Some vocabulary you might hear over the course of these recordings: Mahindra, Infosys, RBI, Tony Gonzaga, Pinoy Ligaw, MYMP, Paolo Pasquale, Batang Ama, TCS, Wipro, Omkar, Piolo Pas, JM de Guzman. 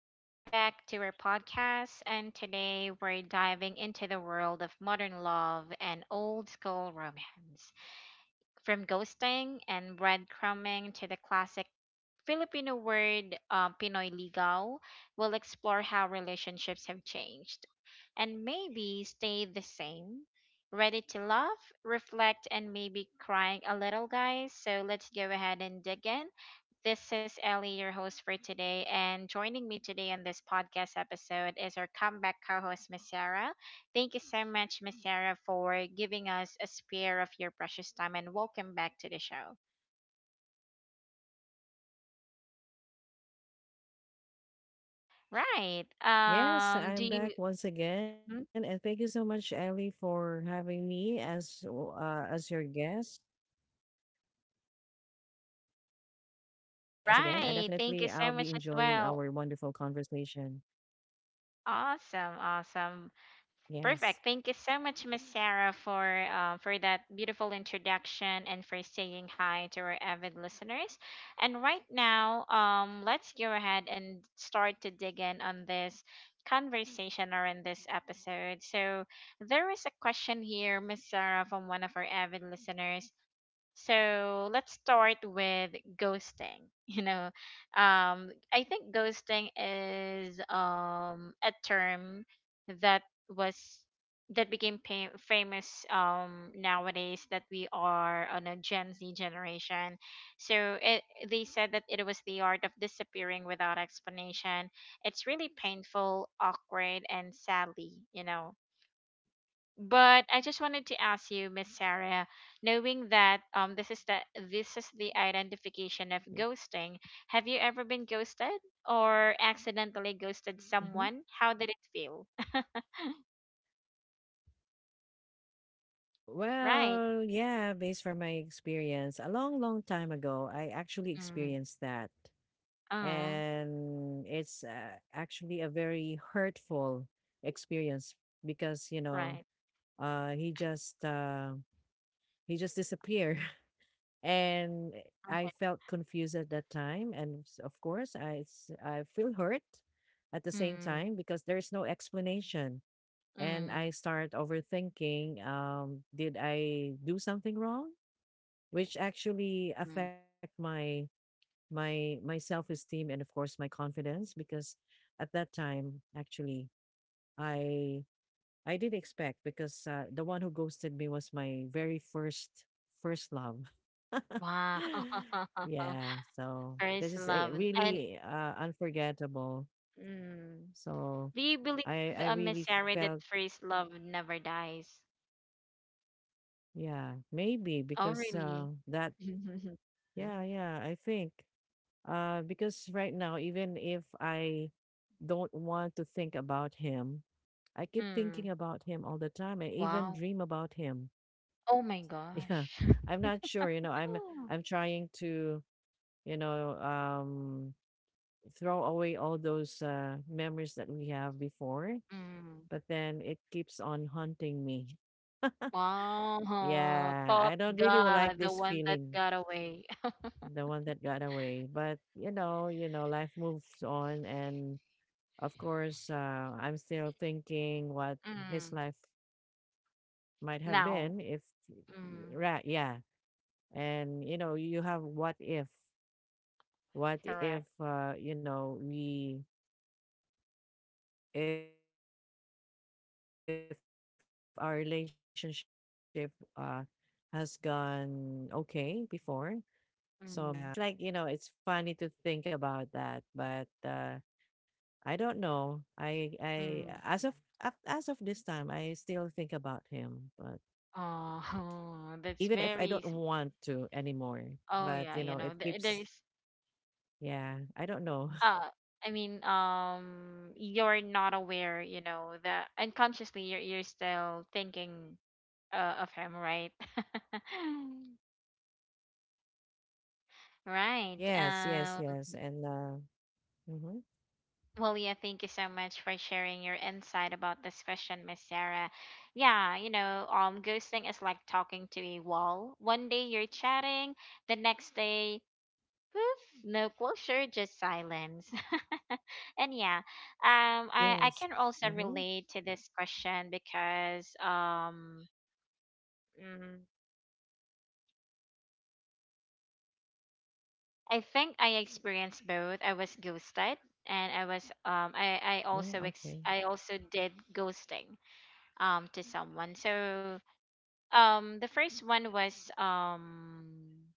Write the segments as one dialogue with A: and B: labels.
A: Welcome back to our podcast. And today we're diving into the world of modern love and old school romance. From ghosting and breadcrumbing to the classic Filipino word, Pinoy Ligaw, will explore how relationships have changed and maybe stay the same. Ready to laugh, reflect, and maybe crying a little, guys? So let's go ahead and dig in. This is Ellie, your host for today, and joining me today on this podcast episode is our comeback co-host, Miss Sarah. Thank you so much, Miss Sarah, for giving us a spare of your precious time, and welcome back to the show.
B: Yes, I'm back once
A: Right.
B: again, and thank you so much,
A: Do
B: Ellie,
A: you?
B: for having me
A: Mhm.
B: as your guest. Yes, thank you so much for having me as your guest again, and
A: Right.
B: definitely
A: Thank you
B: I'll
A: so
B: be
A: much as
B: enjoying
A: well.
B: our wonderful conversation.
A: Awesome, awesome. Perfect. Thank you
B: Yes,
A: so much, Miss Sarah, for that beautiful introduction and for saying hi to our avid listeners. And right now, let's go ahead and start to dig in on this conversation or in this episode. So there is a question here, Miss Sarah, from one of our avid listeners. So let's start with ghosting. I think ghosting is, a term that was that became famous nowadays that we are on a Gen Z generation. So, they said that it was the art of disappearing without explanation. It's really painful, awkward, and sadly, but I just wanted to ask you, Miss Sarah, knowing that, this is the identification
B: yeah.
A: of ghosting. Have you ever been ghosted or accidentally ghosted
B: Mhm.
A: someone? How did it feel? Right.
B: Well, yeah, based from my experience, a long, long time ago, I actually
A: Mm.
B: experienced that,
A: Oh,
B: and it's actually a very hurtful experience because you
A: right.
B: know uh he just uh he just disappeared and
A: Okay.
B: I felt confused at that time and of course I feel hurt at the same
A: Mm.
B: time because there is no explanation, and
A: Mm.
B: I start overthinking. Did I do something wrong, which actually affect
A: Mm.
B: my my self-esteem and of course my confidence? Because at that time actually i I did expect, because the one who ghosted me was my very first love.
A: Wow.
B: Yeah, so this
A: First
B: is a
A: love and
B: really unforgettable.
A: mm.
B: So
A: Do you believe,
B: I
A: Miss
B: really
A: Sarah, that
B: felt,
A: first love never dies?
B: yeah, maybe
A: Oh,
B: because
A: really?
B: that, yeah, yeah I think because right now, even if I don't want to think about him, I keep thinking
A: Mm.
B: about him all the time. I even
A: Wow.
B: dream about him.
A: Oh my
B: Yeah,
A: gosh.
B: I'm not sure. You know,
A: Oh.
B: I'm trying to, you know, um throw away all those memories that we have before,
A: Mm.
B: but then it keeps on haunting me.
A: Wow.
B: Yeah,
A: Thought
B: I don't really like
A: God, the
B: this
A: one that
B: feeling,
A: got away.
B: the one that got away. But you know, life moves on, and of course, I'm still thinking what his
A: Mm.
B: life might have
A: Now.
B: been if,
A: Mm.
B: right, yeah. And you know, you have what if. What if,
A: Correct.
B: you know, we if our relationship uh has gone okay before, so maybe we have, you know, there's so many ifs.
A: Mm.
B: It's like, you know, it's funny to think about that, but I don't know. I
A: Mm.
B: as of as of this time, I still think about him, but
A: Oh, that's
B: even if I
A: very.
B: don't want to anymore,
A: Oh
B: but
A: yeah,
B: you know, it
A: there,
B: keeps,
A: there's.
B: yeah, I don't know.
A: Uh, I mean, you're not aware, that unconsciously you're still thinking of him, right? Right.
B: Yes, yes, yes. And mhm.
A: Well, yeah, thank you so much for sharing your insight about this question, Miss Sarah. Yeah, ghosting is like talking to a wall. One day you're chatting, the next day, poof, no closure, just silence. And yeah, I
B: Yes.
A: can also
B: Mhm.
A: relate to this question because, mm, I think I experienced both. I was ghosted, and I was I
B: Mm,
A: also ex-
B: okay.
A: I also did ghosting to someone. So, the first one was, um,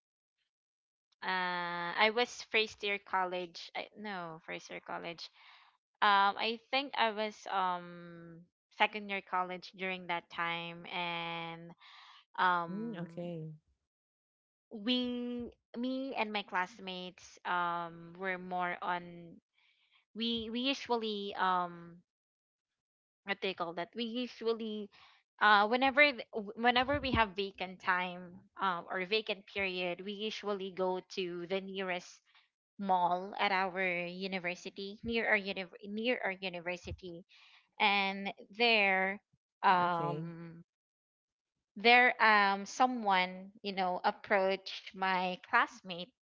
A: uh, I was first year college. I, no, first year college. I think I was second year college during that time, and.
B: Mm,
A: um,
B: okay.
A: we, me and my classmates were more on. We usually, what do call that? We usually, whenever whenever we have vacant time, or vacant period, we usually go to the nearest mall at our university, near our near our university, and
B: Okay.
A: um, someone, approached my classmate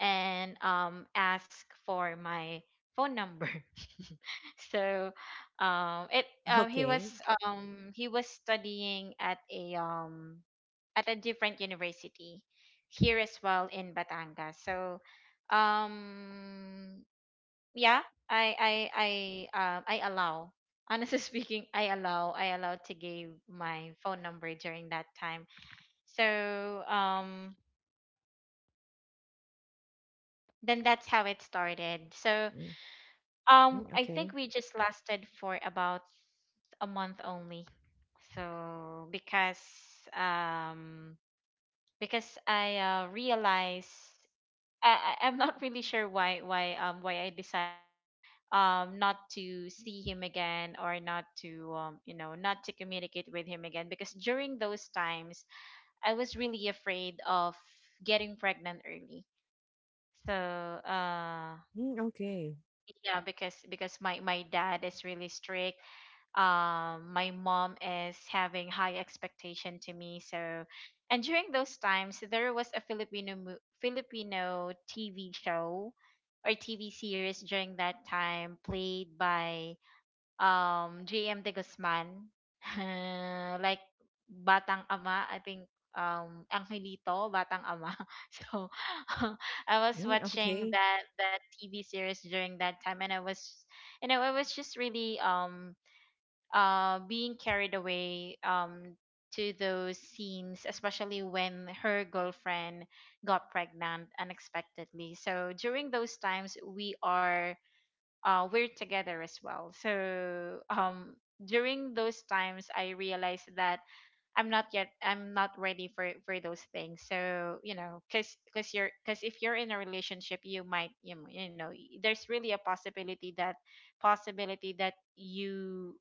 A: and ask for my phone number. So, it he was
B: Okay.
A: um he was studying at a, at a different university here as well in Batangas. So, um yeah, I I I allow. Honestly speaking, I allow to give my phone number during that time. So, then that's how it started. So,
B: Mm, mm,
A: I
B: okay.
A: think we just lasted for about a month only. So because, um I, realized, I'm not really sure why, I decided not to see him again or not to, not to communicate with him again, because during those times I was really afraid of getting pregnant early. So, uh
B: Mm, okay.
A: yeah, because, my dad is really strict. My mom is having high expectation to me. So, and during those times there was a Filipino, Filipino TV show or TV series during that time played by, JM de Guzman. Like Batang Ama, I think, Angelito Batang Ama. So, I
B: Mm,
A: was
B: okay.
A: watching that TV series during that time, and I was just really, being carried away, to those scenes, especially when her girlfriend got pregnant unexpectedly. So during those times, we're together as well. So, during those times, I realized that I'm not ready for those things. So, cause, cause you're cause if you're in a relationship, you might, there's really a possibility that, you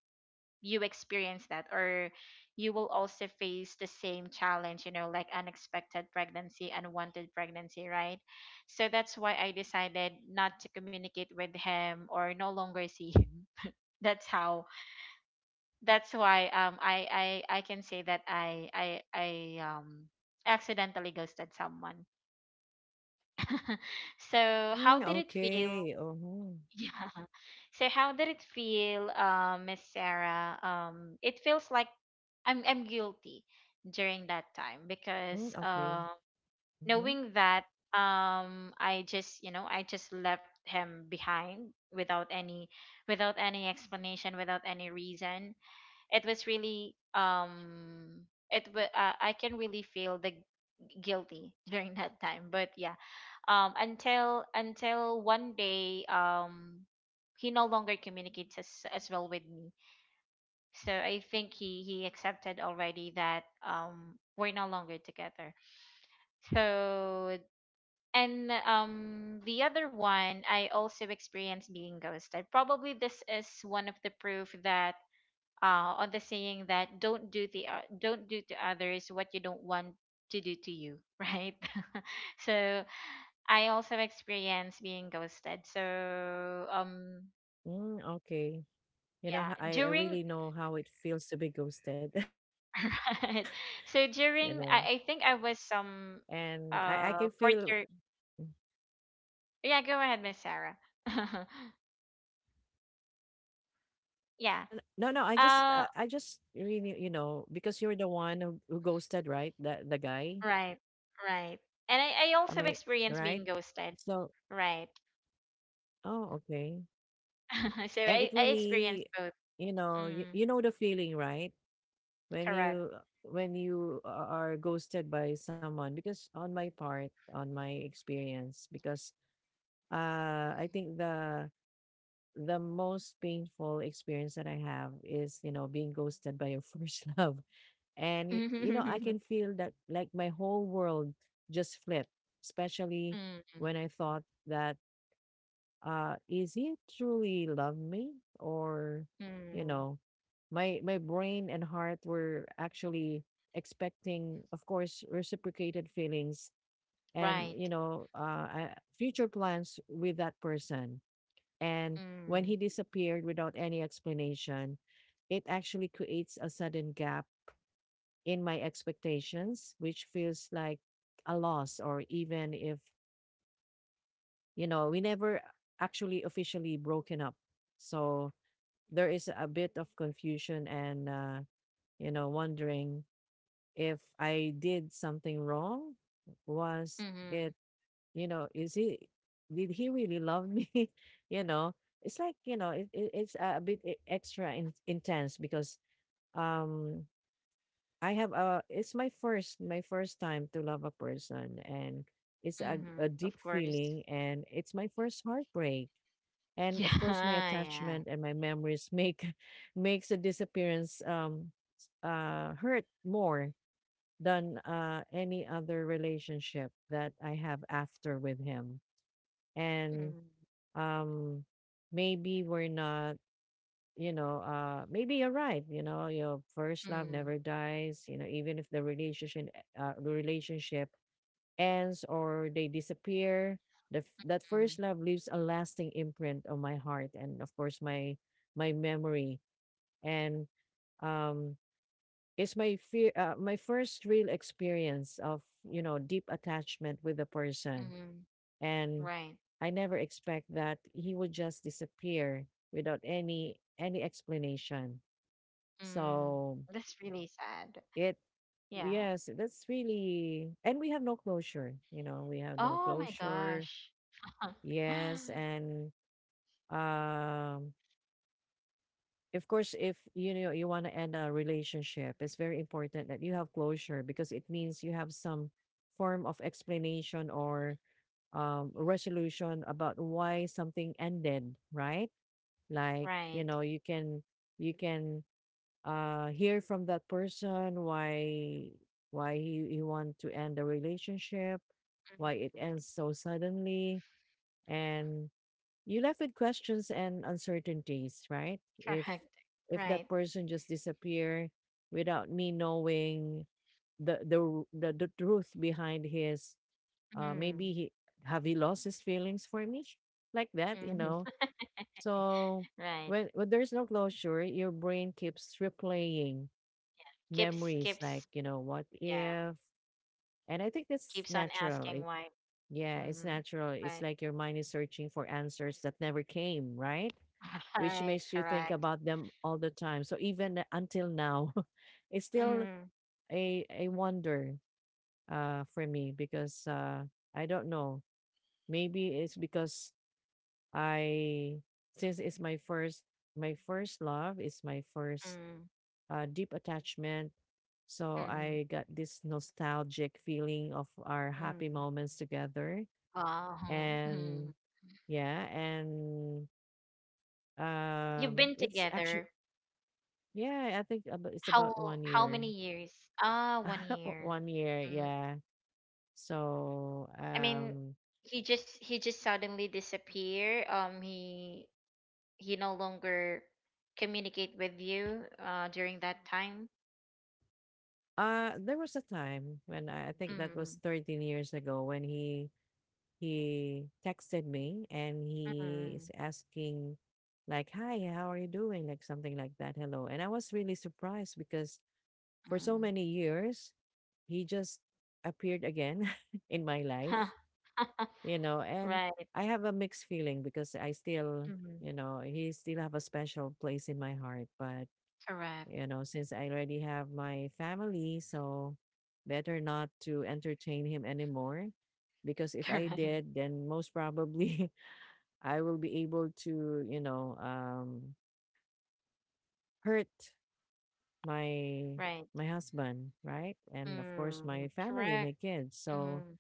A: experience that, or you will also face the same challenge, like unexpected pregnancy, unwanted pregnancy, right? So that's why I decided not to communicate with him or no longer see him. That's how, that's why I can say that I accidentally ghosted someone. So how
B: Mm,
A: did it feel?
B: okay. Mhm.
A: Yeah. So how did it feel, Miss Sarah? It feels like I'm guilty during that time, because,
B: Mm, okay. Mhm.
A: knowing that, I just left him behind without any, explanation, without any reason. It was really, I can really feel the guilty during that time. But yeah, until, one day, he no longer communicates, as well with me. So I think he accepted already that, we're no longer together. So, and, the other one, I also experienced being ghosted. Probably this is one of the proof that, on the saying that, don't do to others what you don't want to do to you. Right. So I also experienced being ghosted. So,
B: Mm, okay. You know,
A: yeah,
B: I
A: during
B: really know how it feels to be ghosted, you know.
A: right. So during, I think I
B: And
A: was
B: I can
A: some
B: feel, mm.
A: fourth year. Yeah, go ahead, Miss Sarah.
B: No, no, I
A: Yeah.
B: just I, I just
A: Uh
B: really, you know, because you're the one who ghosted, right, the guy,
A: right, right. And
B: am
A: I
B: I
A: also
B: right?
A: experienced being ghosted.
B: So,
A: Right.
B: oh, okay,
A: So
B: and it
A: I experienced
B: really,
A: both.
B: you know, you,
A: Mm,
B: you know the feeling, right, when
A: correct.
B: you are ghosted by someone, because on my part, on my experience, because I think the most painful experience that I have is, you know, being ghosted by your first love. And you know, I
A: Mm,
B: can feel that like my whole world just flipped, especially when I thought that is he truly love me, or, you
A: mm,
B: know, my brain and heart were actually expecting, of course, reciprocated feelings, and
A: right.
B: you know, future plans with that person. And when
A: Mm,
B: he disappeared without any explanation, it actually creates a sudden gap in my expectations, which feels like a loss, or even if, you know, we never actually officially broken up. So there is a bit of confusion and, you know, wondering if I did something wrong. Was
A: mm-hmm,
B: it, you know, is he, did he really love me? You know, it's like, you know, it, it's a bit extra intense because um, I have a, it's my first time to love a person, and it's
A: mm-hmm,
B: a
A: of
B: deep
A: course.
B: feeling, and it's my first heartbreak, and of course my
A: Yeah, yeah.
B: attachment and my memories make makes the disappearance hurt more than any other relationship that I have after with him. And
A: Mm,
B: um maybe we're not, you know, maybe you're right, you know, your first love
A: mm,
B: never dies, you know, even if the relationship uh the relationship ends or they disappear, the that
A: mm,
B: first love leaves a lasting imprint on my heart and of course my my memory. And um it's my fear, my first real experience of, you know, deep attachment with a person.
A: mm,
B: And
A: right.
B: I never expect that he would just disappear without any any explanation.
A: Mm,
B: So
A: that's really sad.
B: it
A: Yeah.
B: yes, that's really, and we have no closure, you know, we have no
A: Oh my
B: closure.
A: gosh.
B: Yes, and um, of course, if you know you want to end a relationship, it's very important that you have closure, because it means you have some form of explanation or resolution about why something ended, right? Like,
A: Right.
B: you know, you can hear from that person why he want to end the relationship, why it
A: Mm,
B: ends so suddenly, and you left with questions and uncertainties, right? If
A: correct.
B: if
A: Right.
B: that person just disappear without me knowing the truth behind his
A: Mm,
B: maybe he have he lost his feelings for me, like that, you
A: mm,
B: know. So
A: right.
B: when there's no closure, your brain keeps replaying
A: Keeps,
B: memories, like,
A: keeps,
B: you know, what
A: yeah.
B: if. And I think that's
A: Keeps on
B: natural,
A: asking
B: it,
A: why.
B: yeah, it's
A: Mm,
B: natural, it's
A: right.
B: like your mind is searching for answers that never came, right, which
A: Right.
B: makes you think
A: Correct.
B: about them all the time. So even until now, it's still
A: Mm,
B: a wonder for me, because I don't know. Maybe it's because I since it's my first love, it's my first
A: mm,
B: deep attachment. So
A: mm,
B: I got this nostalgic feeling of our happy
A: mm.
B: moments together.
A: Wow.
B: And
A: Mm.
B: yeah, and
A: You've been
B: it's actually,
A: together
B: yeah, I think abo it's about
A: How
B: 1
A: how
B: year.
A: many years? Ah, one
B: O
A: year.
B: 1 year,
A: Mm.
B: yeah. So,
A: I mean, he just suddenly disappear. He no longer communicate with you. During that time.
B: there was a time when I think that was
A: Mm,
B: 13 years ago, when he texted me and he
A: mm,
B: is asking like, "Hi, how are you doing?" Like something like that, "Hello." And I was really surprised because for so
A: mm.
B: many years, he just appeared again in my life.
A: Huh.
B: You know, and
A: Right.
B: I have a mixed feeling, because I still,
A: Mm.
B: you know, he still have a special place in my heart. But,
A: Correct.
B: you know, since I already have my family, so better not to entertain him anymore, because if I
A: Correct.
B: did, then most probably I will be able to, you know, hurt my
A: Right.
B: my husband, right, and of course
A: Mm.
B: my family,
A: Correct.
B: my kids, so.
A: Mm.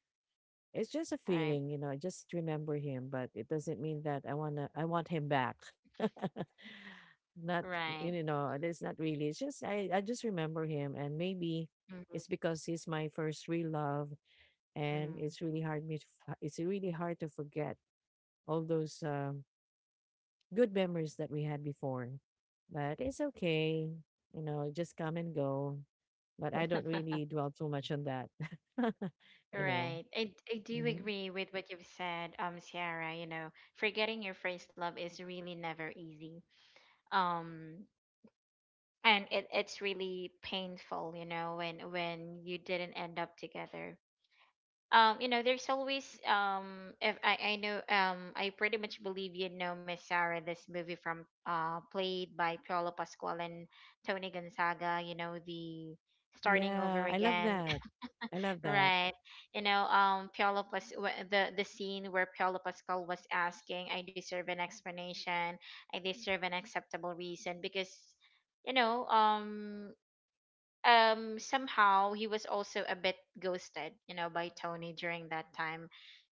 B: It's just a
A: Right.
B: feeling, you know, I just remember him, but it doesn't mean that I want him back. Not, you
A: Right.
B: know, it's not really. It's just I just remember him, and maybe
A: Mm.
B: it's because he's my first real love, and
A: Mm.
B: it's really hard me to, it's really hard to forget all those good memories that we had before. But it's okay, you know, just come and go. But I don't really dwell too much on that, you know.
A: Right. I do
B: Mhm.
A: agree with what you've said, Sierra, forgetting your first love is really never easy. Um, and it's really painful, when you didn't end up together. There's always, if I know, I pretty much believe, Miss Sarah, this movie from played by Paolo Pasquale and Tony Gonzaga, the starting over
B: Yeah, I love
A: again.
B: that. I love that.
A: Right. Piolo the scene where Piolo Pascal was asking, "I deserve an explanation. I deserve an acceptable reason," because, you know, um, Somehow he was also a bit ghosted, by Tony during that time,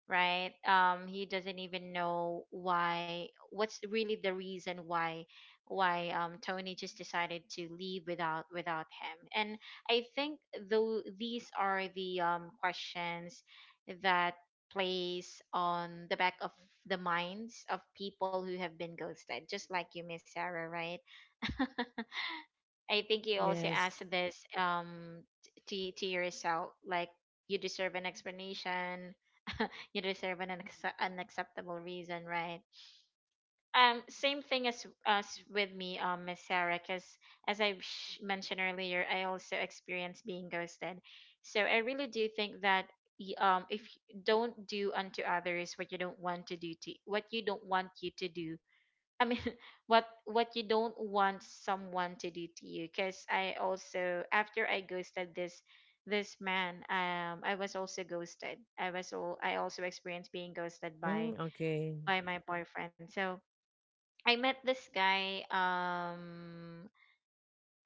A: right? He doesn't even know why, what's really the reason why Tony just decided to leave without, him. And I think though these are the questions that plays on the back of the minds of people who have been ghosted, just like you, Miss Sarah, right? I think you also
B: Yes.
A: asked this, to yourself, like you deserve an explanation, you deserve an unacceptable reason, right? Same thing as with me, Miss Sarah, because as I mentioned earlier, I also experienced being ghosted, so I really do think that, if you don't do unto others what you don't want to do to what you don't want you to do. I mean, what you don't want someone to do to you. Because I also, after I ghosted this man, I was also ghosted. I was all I also experienced being ghosted
B: Mm, okay.
A: by my boyfriend. So I met this guy,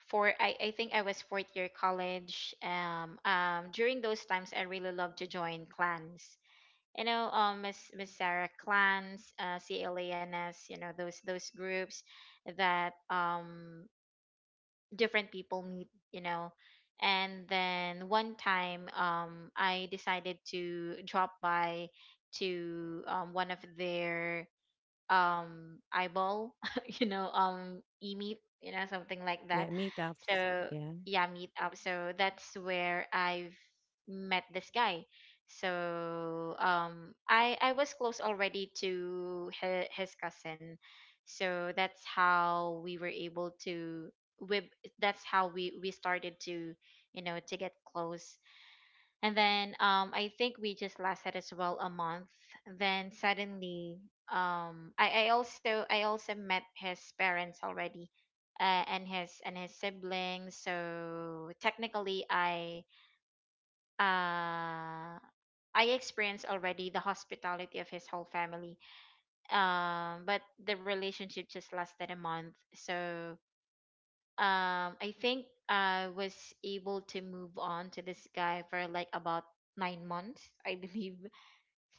A: for I think I was fourth year college. During those times I really loved to join clans, Miss Sarah clans, CLANS, those groups that, different people meet. And then one time, I decided to drop by to one of their eyeball e-meat, you know, something like that.
B: Yeah, meetups.
A: So
B: Yeah.
A: yeah, meet up, so that's where I've met this guy. So I was close already to his cousin, so that's how we were able to we that's how we started to, you know, to get close. And then I think we just lasted as well a month. Then suddenly, I also met his parents already, and his siblings. So technically, uh, I experienced already the hospitality of his whole family. But the relationship just lasted a month. So I think I was able to move on to this guy for like about 9 months, I believe.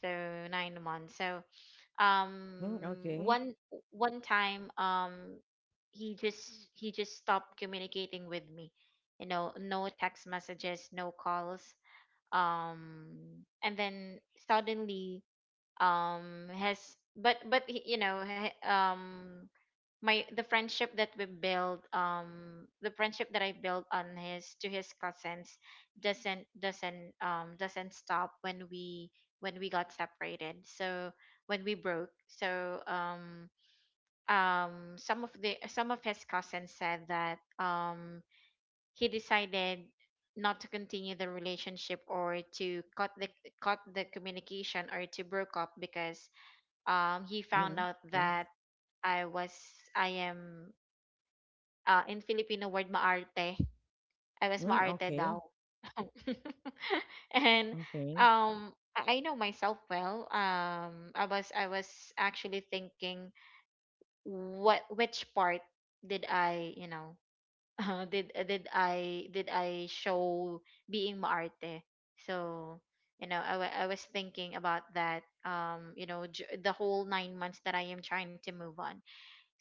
A: So 9 months. So
B: Mm,
A: um
B: okay.
A: one one time he just stopped communicating with me. You know, no text messages, no calls. And then suddenly has but he- you know he- my the friendship that I built on his to his cousins doesn't doesn't stop when we got separated, so when we broke. So some of the some of his cousins said that he decided not to continue the relationship or to cut the communication or to broke up because he found
B: Mm,
A: out
B: okay.
A: that I was I am ah, in Filipino word, maarte. I was
B: Mm,
A: maarte
B: okay.
A: daw. And
B: Okay.
A: I know myself well. I was actually thinking what which part did I, you know, did I did I show being maarte. So, you know, I was thinking about that, you know, the whole 9 months that I am trying to move on.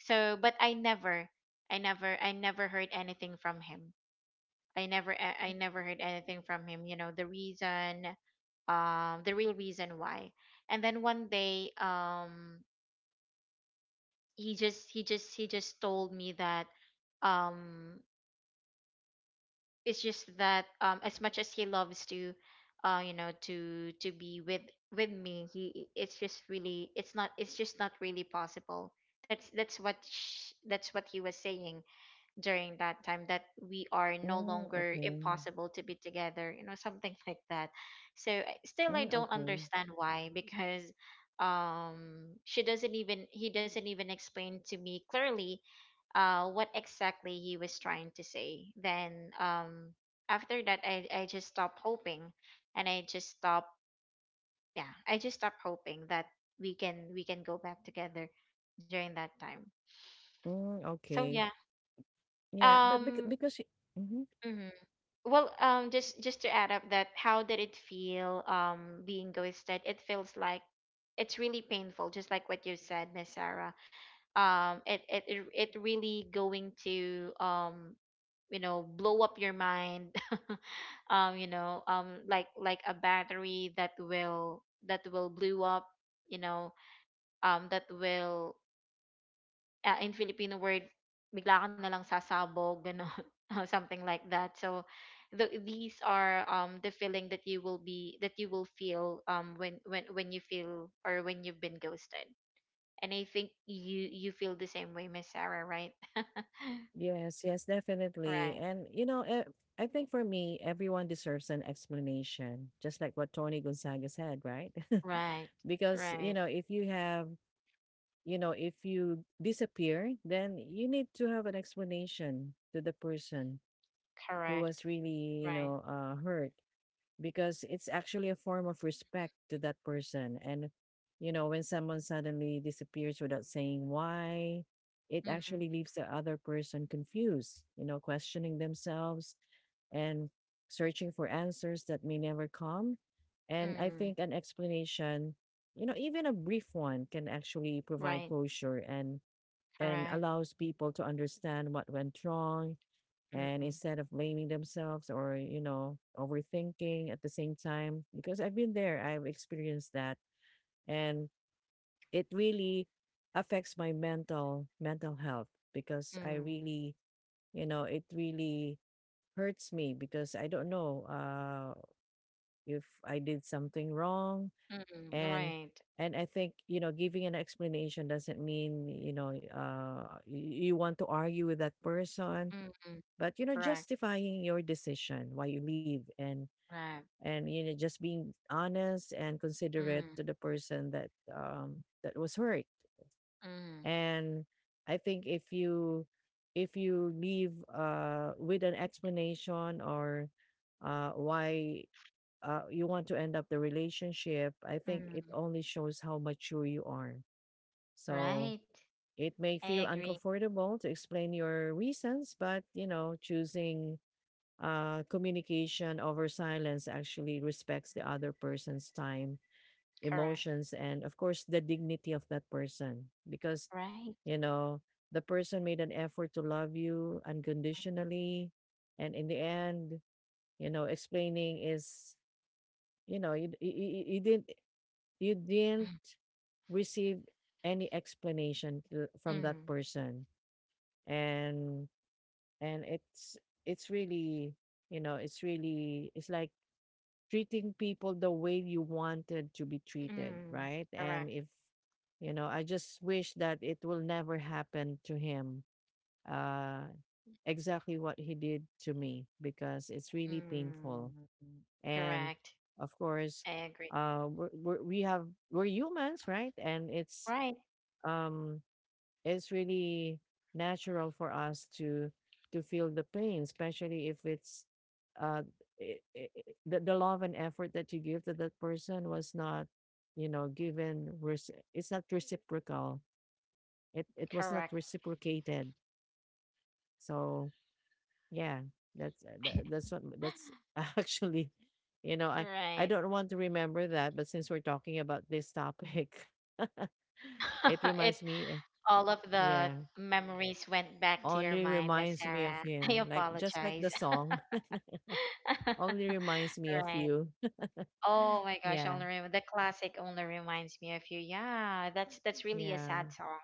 A: So, but I never I never heard anything from him. I never heard anything from him, you know, the reason, the real reason why. And then one day he just told me that um it's just that, as much as he loves to, to be with me, he, it's just really, it's not, it's just not really possible. That's what sh- that's what he was saying during that time, that we are no
B: Mm,
A: longer
B: okay.
A: impossible to be together, you know, something like that. So still I
B: Mm,
A: don't
B: okay.
A: understand why, because she doesn't even he doesn't even explain to me clearly what exactly he was trying to say. Then after that, i just stopped hoping, and I just stopped. Yeah, I just stopped hoping that we can go back together during that time.
B: Mm,
A: So yeah.
B: okay. Yeah, but
A: um
B: because mhm.
A: mhm. Well, just to add up that, how did it feel, being ghosted? It feels like it's really painful, just like what you said, Miss Sarah. It really going to, you know, blow up your mind. Like a battery that will blow up. You know, that will, in Filipino word, bigla ka na lang sasabog, gano'n, or something like that. So, these are, the feeling that you will be that you will feel, when you feel, or when you've been ghosted. And I think you you feel the same way, Miss Sarah, right?
B: Yes, yes, definitely.
A: Right,
B: And you know, I think for me, everyone deserves an explanation, just like what Tony Gonzaga said, right?
A: right,
B: Because, you
A: right,
B: know, if you have, you know, if you disappear, then you need to have an explanation to the person who
A: correct,
B: was really, you
A: right,
B: know, hurt, because it's actually a form of respect to that person. And, you know, when someone suddenly disappears without saying why, it
A: mm-hmm,
B: actually leaves the other person confused, you know, questioning themselves and searching for answers that may never come. And I
A: mm,
B: think an explanation, you know, even a brief one can actually provide
A: right,
B: closure, and
A: correct,
B: allows people to understand what went wrong, and
A: mm,
B: instead of blaming themselves or, you know, overthinking at the same time, because I've been there, I've experienced that. And it really affects my mental health, because I
A: mm,
B: really, you know, it really hurts me, because I don't know if I did something wrong.
A: mm,
B: And
A: right,
B: I think, you know, giving an explanation doesn't mean, you know, you, you want to argue with that person,
A: mm,
B: but you know,
A: correct,
B: justifying your decision why you leave, and
A: right.
B: you know, just being honest and considerate to
A: Mm,
B: the person that that was hurt.
A: mm.
B: And I think if you leave with an explanation or why you want to end up the relationship, I think it
A: Mm,
B: only shows how mature you are. So
A: right.
B: it may
A: I
B: feel
A: agree.
B: uncomfortable to explain your reasons, but you know, choosing communication over silence actually respects the other person's time,
A: Correct.
B: emotions, and of course, the dignity of that person. Because,
A: Right.
B: you know, the person made an effort to love you unconditionally. And in the end, explaining is you know you, you, you you didn't receive any explanation from that
A: Mm,
B: person. And and it's it's really it's like treating people the way you wanted to be treated,
A: mm,
B: right? And
A: correct.
B: if I just wish that it will never happen to him, uh exactly what he did to me, because it's really painful.
A: Mm,
B: And
A: correct.
B: of course,
A: I agree.
B: uh we're, we're we have we're humans, right? And
A: Right.
B: um it's really natural for us to feel the pain, especially if it's uh the love and effort that you give to that person was not you know given rec- it's not reciprocal. It it was not
A: Correct.
B: reciprocated. So yeah, that's tha- that's what that's actually, I
A: Right.
B: don't want to remember that, but since we're talking about this topic, it
A: It
B: reminds me,
A: all of the
B: yeah,
A: memories went back to your
B: only
A: mind, Miss
B: reminds me of
A: Sarah. I
B: him, like just like
A: apologize.
B: the song, only reminds me of
A: Right.
B: you.
A: Oh my gosh,
B: Yeah,
A: only Rem- the classic only reminds me of you. Yeah, that's really a
B: yeah,
A: sad song.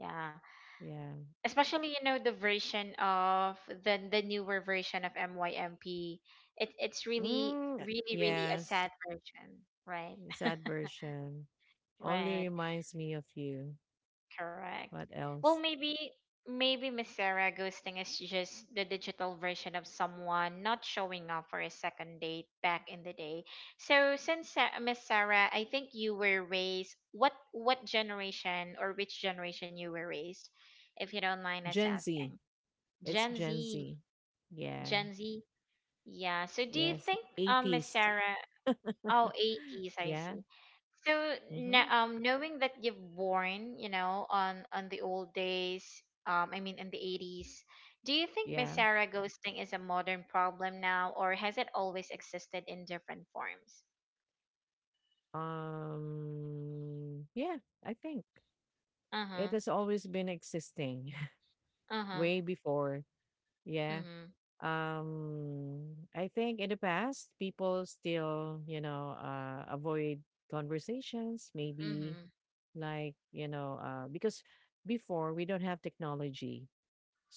A: Yeah.
B: yeah.
A: Especially you know the version of the newer version of MYMP. It's really
B: Mm, uh,
A: really really a
B: yes,
A: sad version, right?
B: sad version. Only
A: Right,
B: reminds me of you.
A: correct.
B: What
A: Well,
B: else?
A: maybe maybe Miss Sarah, ghosting is just the digital version of someone not showing up for a second date back in the day. So since Miss Sarah, I think you were raised what generation or which generation you were raised, if you don't mind us
B: Gen Z.
A: asking.
B: It's
A: Gen
B: Gen
A: Z.
B: Z. Yeah.
A: Gen Z. Yeah. So do you
B: Yes,
A: think Miss
B: 80s.
A: Sarah oh 80s, I
B: Yeah.
A: see. So now,
B: Hmm.
A: knowing that you've born, you know, on the old days, I mean in the 80s, do you think Miss
B: Yeah.
A: Sarah, ghosting is a modern problem now, or has it always existed in different forms?
B: Yeah, I think it
A: Uh-huh.
B: has always been existing
A: Uh-huh.
B: way before. Yeah.
A: Mhm.
B: I think in the past, people still, you know, avoid conversations, maybe
A: Mhm.
B: like, you know, because before we don't have technology.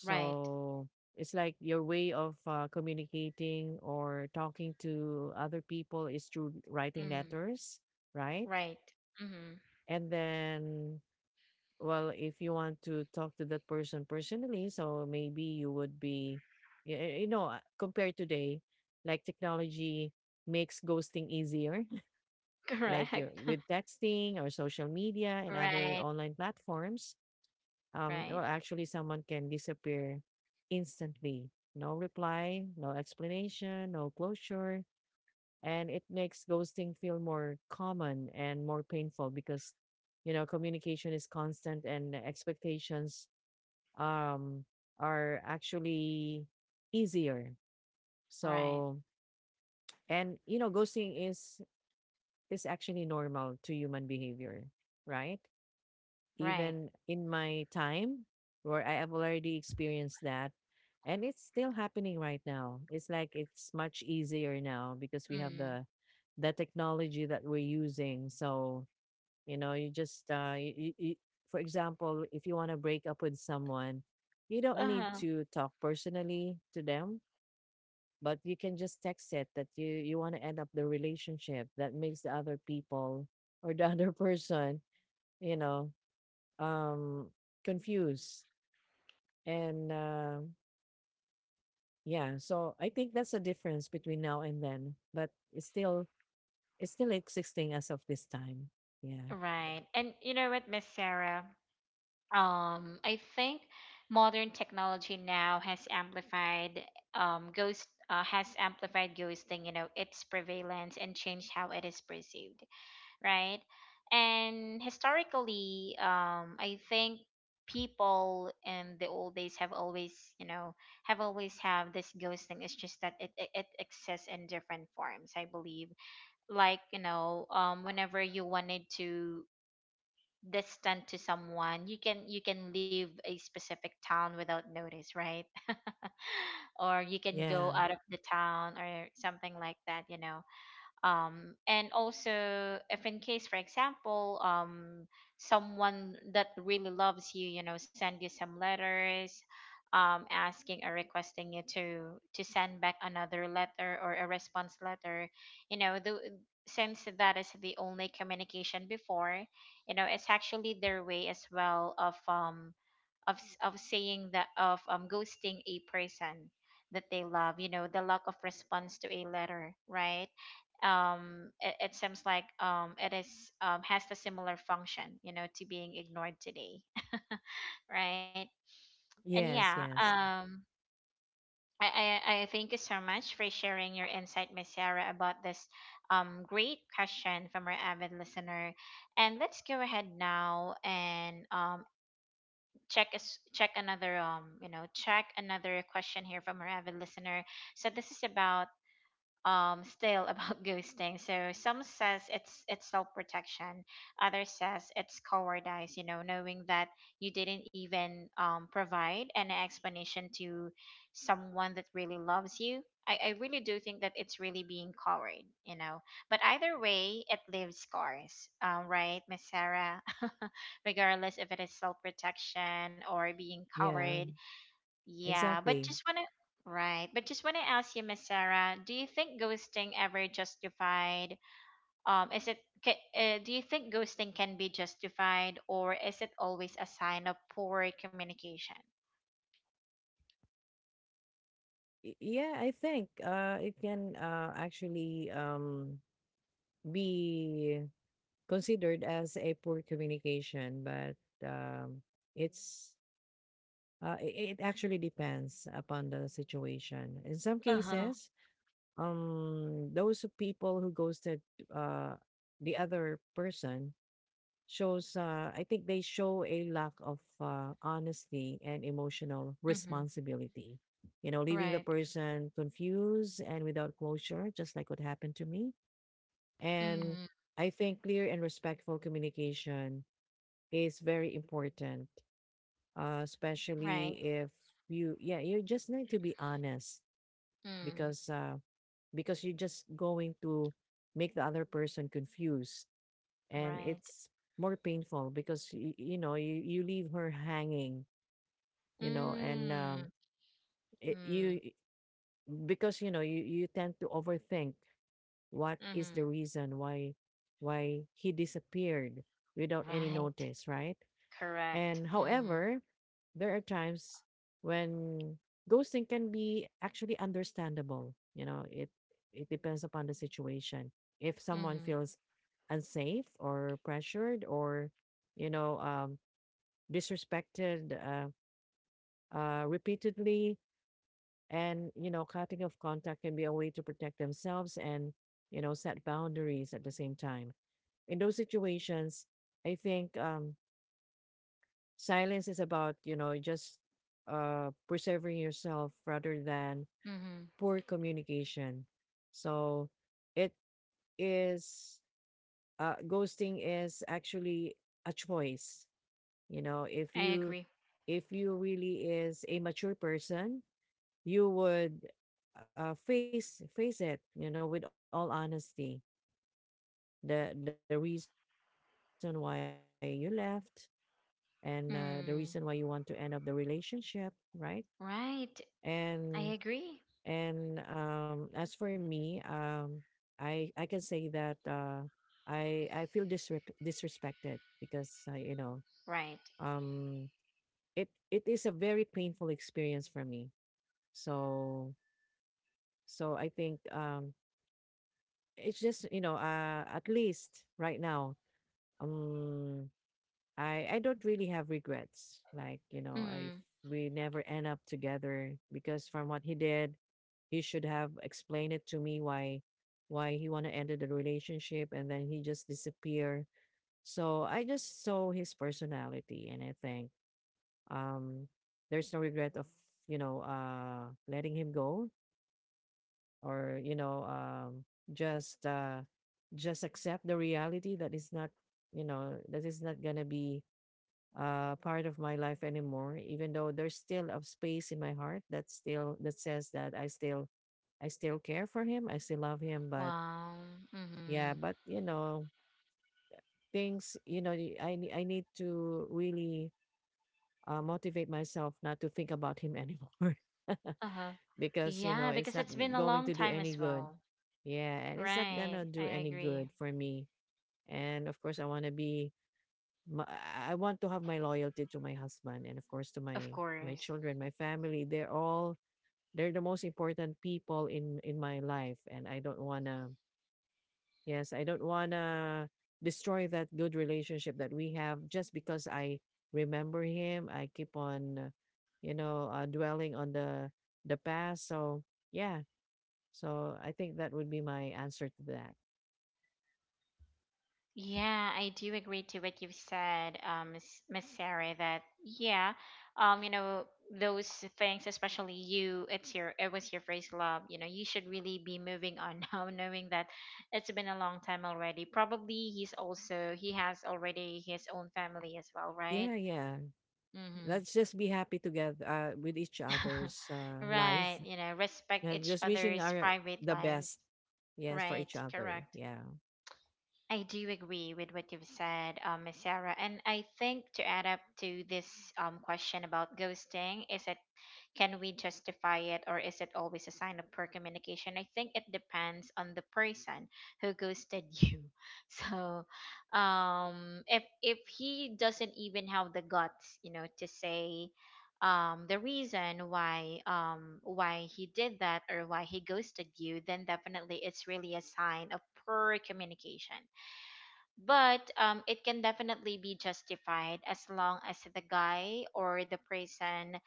A: Right.
B: it's like your way of communicating or talking to other people is through writing
A: Mm.
B: letters, right?
A: Right. Mhm.
B: And then, well, if you want to talk to that person personally, so maybe you would be, you know, compared today, like technology makes ghosting easier, like you're
A: Correct.
B: with texting or social media and other
A: Right.
B: online platforms.
A: Right.
B: Well, actually, someone can disappear instantly. No reply, no explanation, no closure. And it makes ghosting feel more common and more painful, because you know communication is constant and expectations um are actually easier.
A: Right.
B: So, and you know ghosting is actually normal to human behavior, right?
A: Right.
B: Even in my time where I have already experienced that. And it's still happening right now. It's like it's much easier now because we have
A: Mm.
B: the technology that we're using. So, you know, you just you, you, for example, if you want to break up with someone, you don't need
A: Uh-huh.
B: to talk personally to them, but you can just text it that you want to end up the relationship. That makes the other people or the other person, you know, um confused and yeah. So I think that's a difference between now and then, but it's still existing as of this time. Yeah,
A: Right. And you know what, Miss Sarah? I think modern technology now has amplified ghosting, you know, its prevalence and changed how it is perceived, right? And historically, I think people in the old days have always, you know, have always have this ghosting. It's just that it exists in different forms, I believe, like, you know, whenever you wanted to distant to someone, you can leave a specific town without notice, right? Or you can go
B: yeah,
A: out of the town or something like that, you know. And also if in case, for example, someone that really loves you, you know, send you some letters, asking or requesting you to send back another letter or a response letter, you know, the, since that is the only communication before, you know, it's actually their way as well of, saying that of, ghosting a person that they love, you know, the lack of response to a letter, right? It seems like it is has the similar function, you know, to being ignored today. Right. And
B: yes,
A: yeah,
B: yes.
A: I thank you so much for sharing your insight, Miss Sarah, about this, great question from our avid listener. And let's go ahead now and, check another, check another question here from our avid listener. So this is about stale about ghosting. So some says it's self protection, others says it's cowardice. You know, knowing that you didn't even provide an explanation to someone that really loves you. I really do think that it's really being coward, you know. But either way, it leaves scars, right, Miss Sarah? Regardless if it is self protection or being coward,
B: Yeah,
A: yeah, but
B: exactly.
A: just wanna right, but just wanna ask you, Miss Sarah, do you think ghosting ever justified? Um, is it do you think ghosting can be justified, or is it always a sign of poor communication?
B: Yeah, I think it can actually be considered as a poor communication, but um it's it actually depends upon the situation. In some
A: Uh huh.
B: cases, people who ghosted uh the other person shows I think they show a lack of honesty and emotional
A: Mm-hmm.
B: responsibility, you know, leaving the
A: Right.
B: person confused and without closure, just like what happened to me. And
A: Mm,
B: I think clear and respectful communication is very important,
A: right.
B: especially if you, yeah, you just need to be honest.
A: Mm,
B: because uh because you're just going to make the other person confused, and
A: right.
B: it's more painful because you know you leave her hanging, you know. And
A: Mm,
B: it, you
A: mm,
B: because you know you tend to overthink what is
A: mm-hmm.
B: the reason why he disappeared without any
A: Right.
B: notice, right?
A: Correct.
B: And
A: Mm,
B: however, there are times when ghosting can be actually understandable. You know, it depends upon the situation. If someone
A: mm,
B: feels unsafe or pressured or, you know um, disrespected, repeatedly, and you know, cutting off contact can be a way to protect themselves and, you know, set boundaries at the same time. In those situations, I think, silence is about, you know, just preserving yourself rather than
A: mm.
B: poor communication. So it is ghosting is actually a choice. You know, if
A: I agree.
B: you really is a mature person, you would face it, you know, with all honesty. The reason why you left, and the reason why you want to end up the relationship,
A: Mm,
B: right? And
A: right.
B: And
A: I
B: as for
A: agree.
B: me, I can say that, I feel disrespected, because, you know, um,
A: Right.
B: it is a very painful experience for me. So, so I think, it's just, you know, at least right now, um, I don't really have regrets. Like, you know, if
A: Mm.
B: we never end up together, because from what he did, he should have explained it to me why he want to end the relationship, and then he just disappear. So I just saw his personality, and I think, um there's no regret of, you know, letting him go, or, just uh just accept the reality that is not, you know, that is not gonna be, part of my life anymore. Even though there's still a space in my heart that still that says that I still, I still care for him, I still love him, but
A: Wow. Mm-hmm.
B: yeah, but you know, things, you know, I need to really motivate myself not to think about him anymore,
A: Uh-huh.
B: because you know,
A: Yeah,
B: it's
A: because
B: not
A: it's been a
B: going
A: long
B: to do
A: time
B: any
A: as
B: good.
A: well.
B: Yeah, and it's not
A: Right.
B: gonna do
A: I
B: any good
A: agree.
B: for me. And of course, I want to be, I want to have my loyalty to my husband, and of course to
A: Of
B: my
A: course.
B: children, my family. They're the most important people in my life, and I don't want to, yes, I don't want to destroy that good relationship that we have just because I remember him. I keep on you know, dwelling on the past. So, yeah. So, I think that would be my answer to that.
A: Yeah, I do agree to what you've said, Miss Sarah, that yeah, you know, those things, especially you, it was your first love, you know, you should really be moving on now, knowing that it's been a long time already. Probably he's also he has already his own family as well, right?
B: Yeah, yeah.
A: Mm-hmm.
B: Let's just be happy together, with each other's, life.
A: Right, you know, respect
B: Yeah,
A: each
B: just wishing
A: other's
B: our
A: private
B: the
A: lives.
B: best. Yes, for
A: Right,
B: each other.
A: correct.
B: Yeah.
A: I do agree with what you've said, Miss Sarah. And I think to add up to this, question about ghosting is a can we justify it or is it always a sign of poor communication? I think it depends on the person who ghosted you. So, if he doesn't even have the guts, you know, to say the reason why he did that or why he ghosted you, then definitely it's really a sign of poor communication. But it can definitely be justified as long as the guy or the person,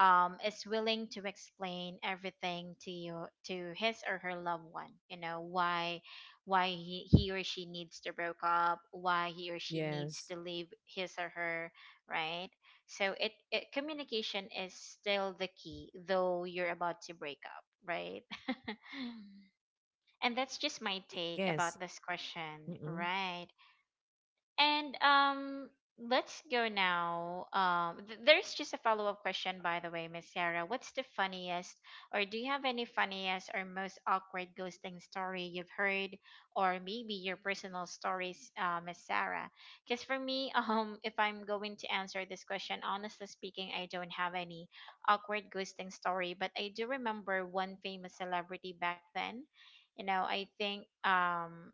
A: is willing to explain everything to you to his or her loved one, you know, why he or she needs to break up, why he or she needs
B: Yes.
A: to leave his or her, right? So it communication is still the key, though you're about to break up, right? And that's just my take
B: Yes.
A: about this question,
B: Mm-mm.
A: right? And let's go now. There's just a follow up question, by the way, Miss Sarah. What's the funniest, or do you have any funniest or most awkward ghosting story you've heard, or maybe your personal stories, Miss Sarah? Because for me, if I'm going to answer this question, honestly speaking, I don't have any awkward ghosting story, but I do remember one famous celebrity back then. You know, I think um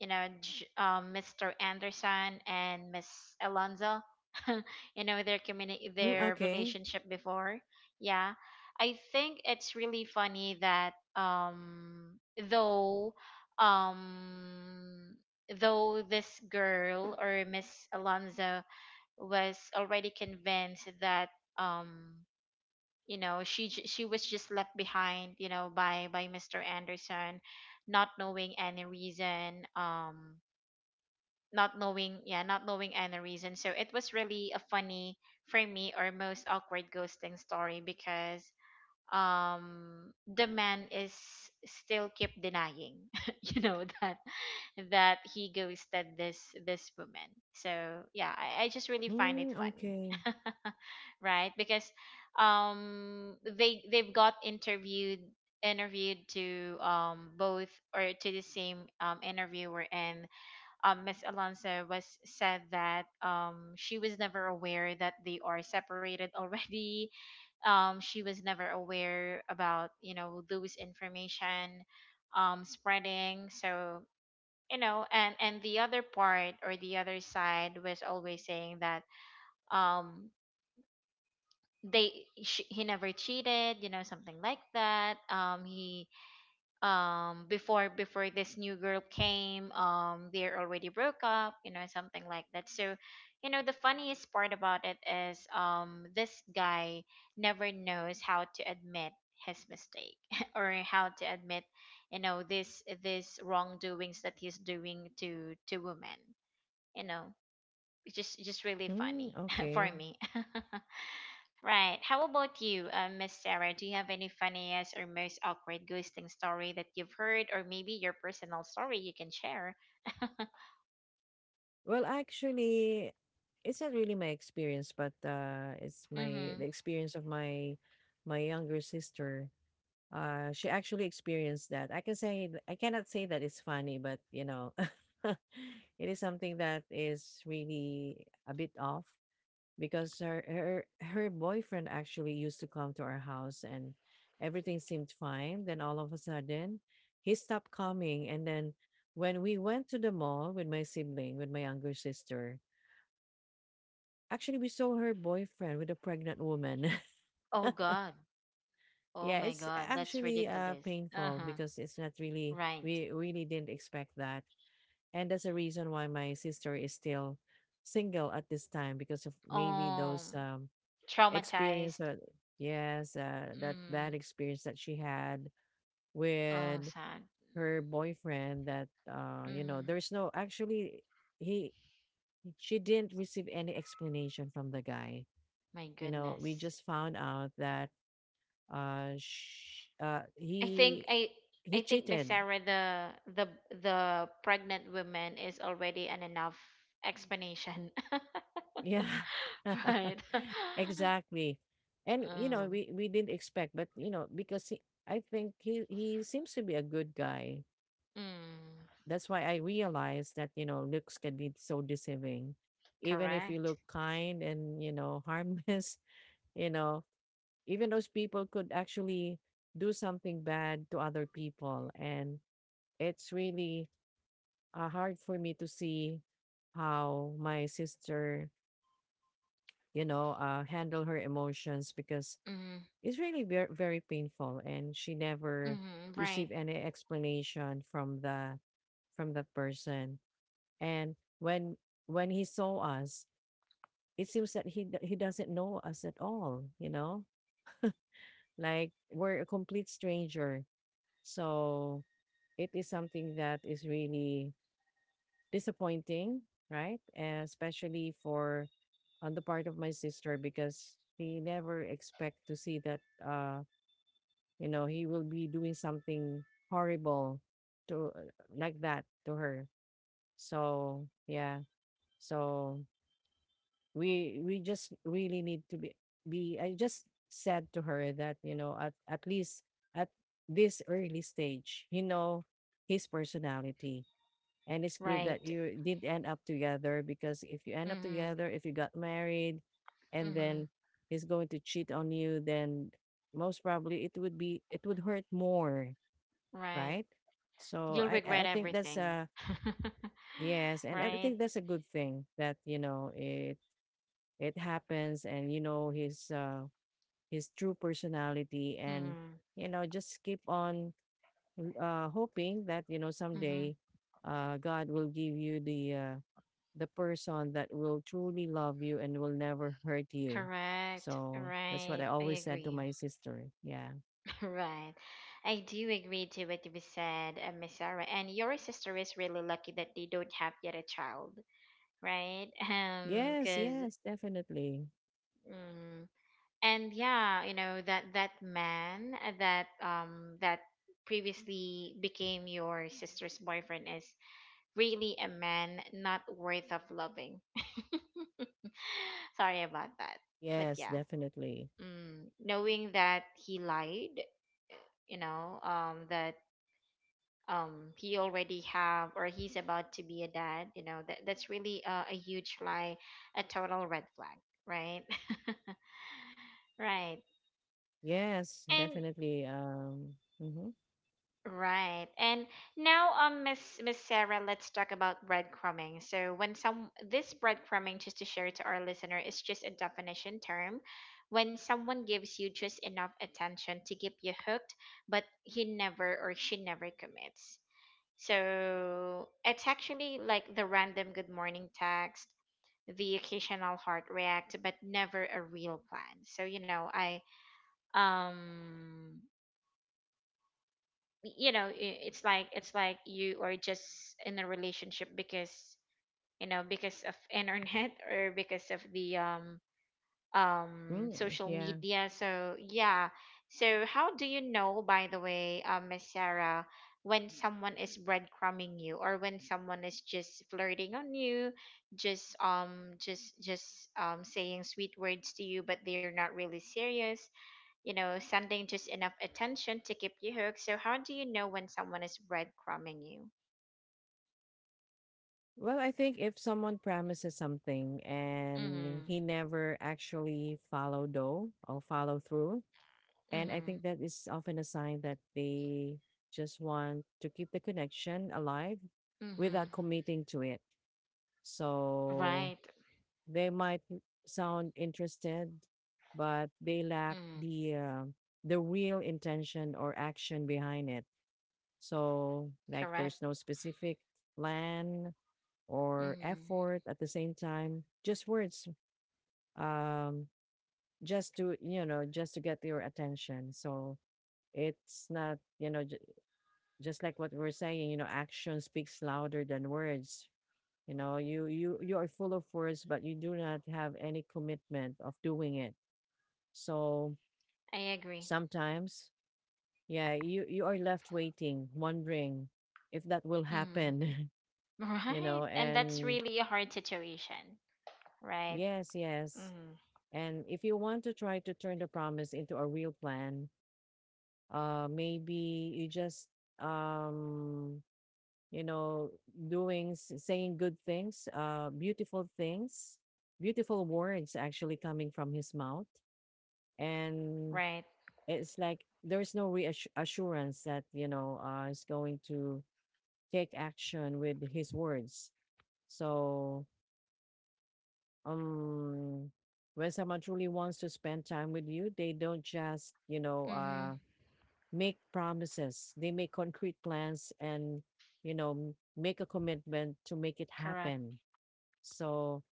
A: you know, J- um, Mr. Anderson and Miss Alonzo, you know, their
B: Mm,
A: their
B: okay.
A: relationship before. Yeah, I think it's really funny that though um, though this girl or Miss Alonzo was already convinced that, um, you know, she was just left behind, you know, by Mr. Anderson, not knowing any reason, not knowing, yeah, not knowing any reason. So it was really a funny for me, or most awkward ghosting story, because the man is still keep denying, you know, that he ghosted this woman. So yeah, I just really find it
B: Mm,
A: funny,
B: okay.
A: right? Because they've got interviewed to, both, or to the same interviewer. And, Miss Alonso was said that, she was never aware that they are separated already. She was never aware about, you know, those information spreading. So, you know, and the other part or the other side was always saying that, um, they sh he never cheated, you know, something like that. He, before this new girl came, they're already broke up, you know, something like that. So, you know, the funniest part about it is, this guy never knows how to admit his mistake, or how to admit, you know, this wrongdoings that he's doing to women, you know. It's just really
B: Mm,
A: funny
B: okay.
A: for me. Right. How about you, Miss Sarah? Do you have any funniest or most awkward ghosting story that you've heard, or maybe your personal story you can share?
B: Well, actually, it's not really my experience, but, it's my
A: Mm-hmm.
B: the experience of my my younger sister. She actually experienced that. I can say I cannot say that it's funny, but you know, it is something that is really a bit off, because her her boyfriend actually used to come to our house, and everything seemed fine, then all of a sudden he stopped coming. And then when we went to the mall with my sibling, with my younger sister, actually we saw her boyfriend with a pregnant woman.
A: Oh God. Oh
B: Yeah,
A: my
B: it's
A: God. That's
B: actually
A: ridiculous. Uh
B: painful,
A: huh.
B: because it's not really
A: Right.
B: we really didn't expect that. And that's a reason why my sister is still single at this time, because of maybe those,
A: Um.
B: experience
A: Traumatized.
B: that, yes, that
A: Mm.
B: bad experience that she had
A: Oh,
B: with
A: sad.
B: her boyfriend. That, you know,
A: Mm.
B: there's no actually, he she didn't receive any explanation from the guy.
A: My
B: You know, we
A: goodness.
B: just found out that, uh, sh- uh
A: I think
B: he
A: I. I
B: he
A: think Miss
B: cheated.
A: Sarah, the the pregnant woman is already an enough explanation.
B: Yeah.
A: Right.
B: Exactly. And you know,
A: mm,
B: we didn't expect, but you know, because he, I think he seems to be a good guy.
A: mm,
B: That's why I realized that, you know, looks can be so deceiving. Even if you
A: correct.
B: look kind and, you know, harmless, you know, even those people could actually do something bad to other people. And it's really, hard for me to see how my sister, you know, handle her emotions, because
A: Mm,
B: it's really very, very painful. And she never
A: mm, right.
B: received any explanation from the from that person. And when he saw us, it seems that he doesn't know us at all, you know? Like we're a complete stranger. So it is something that is really disappointing, right? And especially for on the part of my sister, because she never expect to see that, you know, he will be doing something horrible to, like that to her. So, yeah. So we just really need to be I just said to her that you know at least at this early stage you know his personality. And it's good that
A: Right.
B: you did end up together, because if you end up
A: Mm,
B: together, if you got married and
A: mm,
B: then he's going to cheat on you, then most probably it would be, it would hurt more,
A: right.
B: right? So
A: You'll
B: i
A: regret
B: i think that's
A: everything.
B: a yes. And I
A: Right.
B: think that's a good thing that you know it happens, and you know his true personality. And
A: Mm,
B: you know, just keep on hoping that you know
A: mm,
B: someday God will give you the person that will truly love you and will never hurt you.
A: correct.
B: So that's what
A: Right.
B: I
A: I
B: always said to
A: agree.
B: my sister. Yeah.
A: Right. I do agree to what you said, Miss Sarah. And your sister is really lucky that they don't have yet a child, right?
B: Yes,
A: Because
B: yes, definitely.
A: And yeah, you know that, that man, that that previously became your sister's boyfriend is really a man not worth of loving. Sorry about that, but
B: Yes,
A: yeah,
B: definitely.
A: mm, knowing that he lied, you know, that, he already have, or he's about to be a dad, you know, that that's really a huge lie, a total red flag, right? right.
B: Yes,
A: and
B: definitely. Mhm.
A: right. And now, Miss Sarah, let's talk about breadcrumbing. So, when some this breadcrumbing, just to share to our listener, is just a definition term. When someone gives you just enough attention to keep you hooked, but he never, or she never commits. So it's actually like the random good morning text, the occasional heart react, but never a real plan. So, um you know I- it's like, you are just in a relationship because, you know, because of internet, or because of the
B: mm,
A: social
B: yeah.
A: media. So yeah. So how do you know, by the way, Miss Sarah, when someone is breadcrumbing you, or when someone is just flirting on you, just saying sweet words to you, but they're not really serious, you know, sending just enough attention to keep you hooked. So, how do you know when someone is breadcrumbing you?
B: Well, I think if someone promises something and
A: Mm-hmm.
B: he never actually follow though or follow through, and I
A: Mm-hmm.
B: think that is often a sign that they just want to keep the connection alive
A: Mm-hmm.
B: without committing to it. So
A: Right.
B: they might sound interested, but they lack
A: Mm-hmm.
B: the real intention or action behind it. So like
A: Correct.
B: there's no specific plan or
A: Mm-hmm.
B: effort at the same time, just words. um just to you know, just to get your attention. So it's not you know just like what we're saying, you know, action speaks louder than words. You know, you you are full of words, but you do not have any commitment of doing it. So
A: I agree.
B: sometimes, yeah, you are left waiting, wondering if that will
A: Mm-hmm.
B: happen. you know,
A: Right. And that's
B: and
A: really a hard situation. Right.
B: yes, yes.
A: Mm-hmm.
B: And if you want to try to turn the promise into a real plan, maybe you just um, you know, doing saying good things, beautiful things, beautiful words actually coming from his mouth, and
A: Right.
B: it's like there's no reassurance that you know is going to take action with his words. So um, when someone truly wants to spend time with you, they don't just you know
A: Mm-hmm.
B: make promises, they make concrete plans and you know, make a commitment to make it
A: Correct.
B: happen. So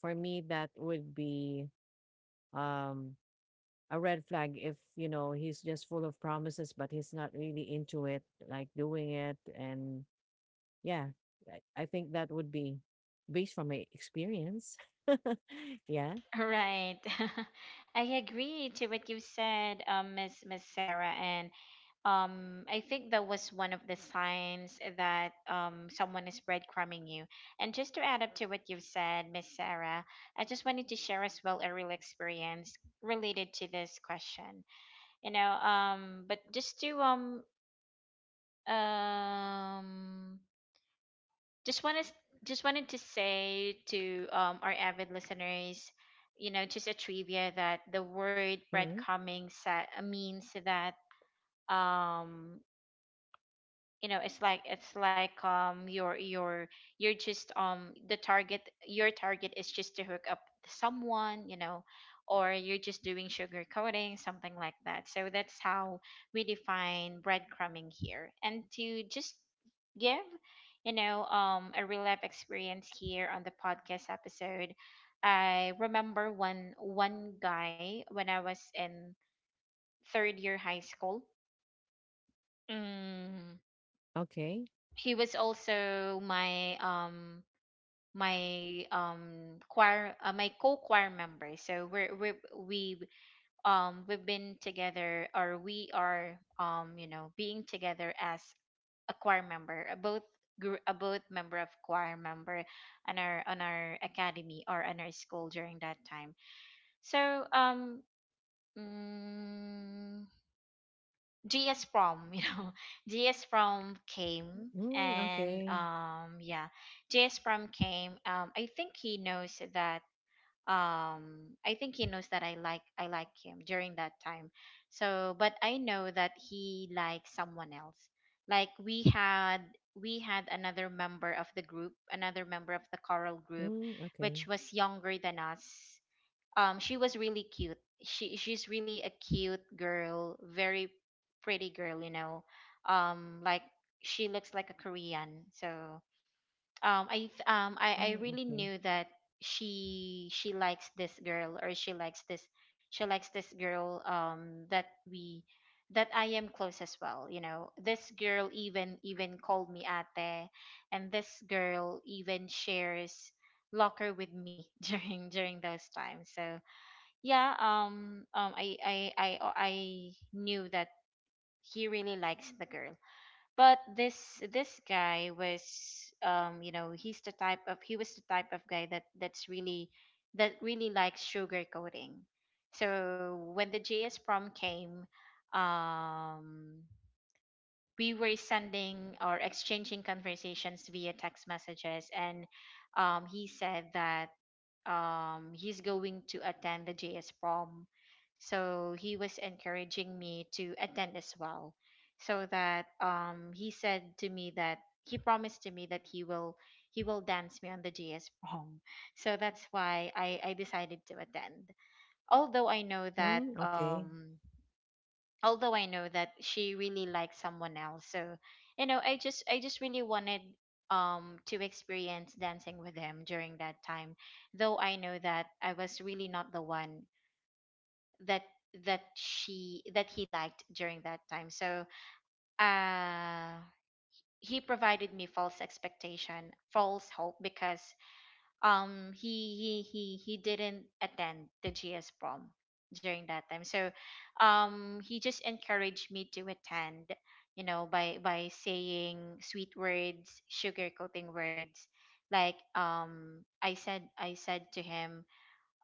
B: for me, that would be um a red flag if you know he's just full of promises but he's not really into it, like doing it. And yeah, I think that would be, based from my experience, yeah.
A: Right. I agree to what you said, Miss Sarah, and I think that was one of the signs that someone is breadcrumbing you. And just to add up to what you've said, Miss Sarah, I just wanted to share as well a real experience related to this question, you know, but just to, um just want to just wanted to say to, our avid listeners, you know, just a trivia that the word
B: Mm
A: breadcrumbing means that, um you know, it's like, you're, just, the target, your target is just to hook up someone, you know, or you're just doing sugar coating, something like that. So that's how we define breadcrumbing here. And to just give, you know, a real life experience here on the podcast episode, I remember one guy when I was in third year high school. mm,
B: okay.
A: he was also my, choir, my co-choir member. So we've been together, or we are, you know, being together as a choir member, a both member of choir member, on our academy or on our school during that time. So, um mm, GS prom, you know, GS prom came,
B: Mm,
A: and
B: okay.
A: yeah, GS prom came. I think he knows that. I think he knows that I like him during that time. So, but I know that he likes someone else. Like, we had another member of the group, another member of the choral group,
B: Mm, okay.
A: which was younger than us. She was really cute. She's really a cute girl, very pretty girl, you know, like, she looks like a Korean. So I th- I
B: Mm,
A: really
B: okay.
A: knew that she likes this girl, or she likes this, she likes this girl, that, we that I am close as well, you know. This girl even called me ate, and this girl even shares locker with me, during those times. So yeah, I knew that he really likes the girl. But this guy was, you know, he was the type of guy that really likes sugarcoating. So when the JS prom came, um, we were sending or exchanging conversations via text messages, and he said that, he's going to attend the JS prom. So he was encouraging me to attend as well. So that, he said to me that he promised to me that he will dance me on the JS prom. So that's why I decided to attend. Although I know that
B: Mm, okay.
A: um Although I know that she really likes someone else. So, you know, I just really wanted to experience dancing with him during that time. Though I know that I was really not the one, that that he liked during that time. So, uh he provided me false expectation, false hope, because he didn't attend the GS prom during that time. So, he just encouraged me to attend, you know, by saying sweet words, sugarcoating words. Like, I said to him,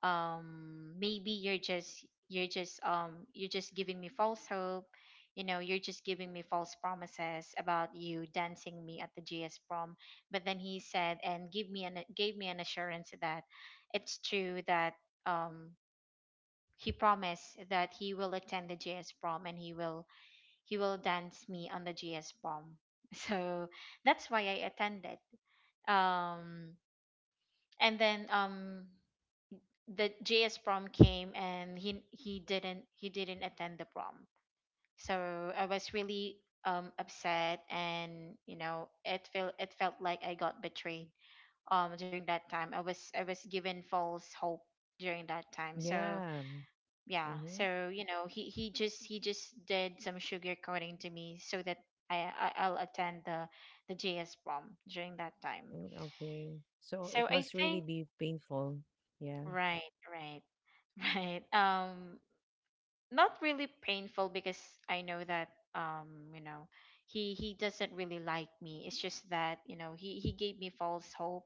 A: maybe you're just giving me false hope. You know, you're just giving me false promises about you dancing me at the GS prom. But then he said, and give me an gave me an assurance that it's true, that um he promised that he will attend the GS prom, and he will dance me on the GS prom. So that's why I attended. um and then, the JS prom came, and he didn't attend the prom. So I was really upset, and, you know, it felt like I got betrayed during that time. I was given false hope during that time. So
B: Yeah.
A: yeah,
B: Mhm.
A: so you know, he just did some sugarcoating to me, so that, I'll attend the JS prom during that time.
B: Mm, okay. So it
A: So I
B: must really
A: think,
B: be painful. Yeah.
A: right, right, right, not really painful, because I know that, you know, he doesn't really like me. It's just that, you know, he gave me false hope,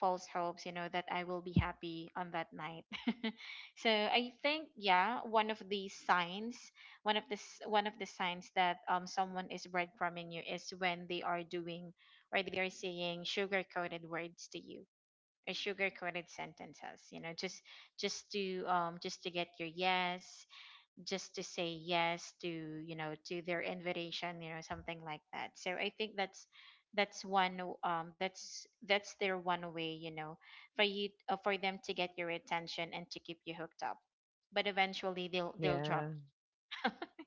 A: false hopes. You know that I will be happy on that night. So I think, yeah, one of the signs, one of the signs that, someone is breadcrumbing you, is when they are doing, or they are saying sugar coated words to you, or sugar coated sentences. You know, just just to get your yes, just to say yes to, you know, to their invitation, you know, something like that. So I think that's that's their one way, you know, for you, for them to get your attention and to keep you hooked up, but eventually they'll drop
B: Yeah.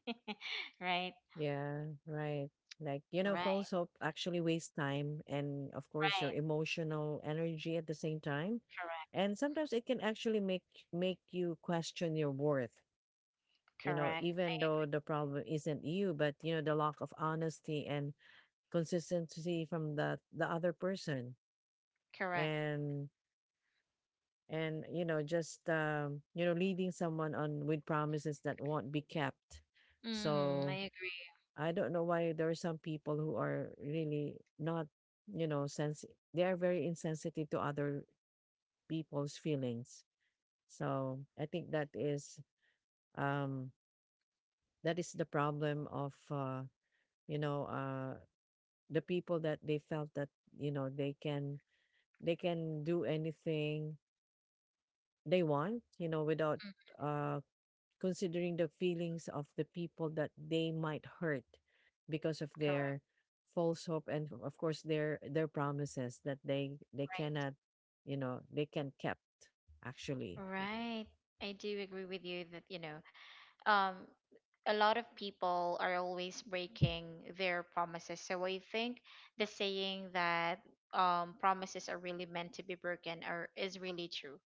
A: you. Right,
B: Yeah. Right. Like, you know,
A: right,
B: false hope actually wastes time and, of course, your
A: right.
B: emotional energy at the same time.
A: Correct,
B: And sometimes it can actually make you question your worth, you know,
A: correct,
B: even
A: I
B: though the problem isn't you, but you know, the lack of honesty and consistency from the other person.
A: correct.
B: And and you know just you know, leading someone on with promises that won't be kept.
A: Mm-hmm, I
B: So
A: agree.
B: I don't know why there are some people who are really not, you know, sense, they are very insensitive to other people's feelings. So I think um that is the problem of you know the people that they felt that you know they can, they can do anything they want, you know, without
A: Mm,
B: uh considering the feelings of the people that they might hurt because of
A: correct.
B: their false hope, and of course their promises that they
A: Right,
B: cannot, you know, they can kept, actually.
A: right. I do agree with you that, you know, um a lot of people are always breaking their promises. So I think, the saying that, promises are really meant to be broken are is really true,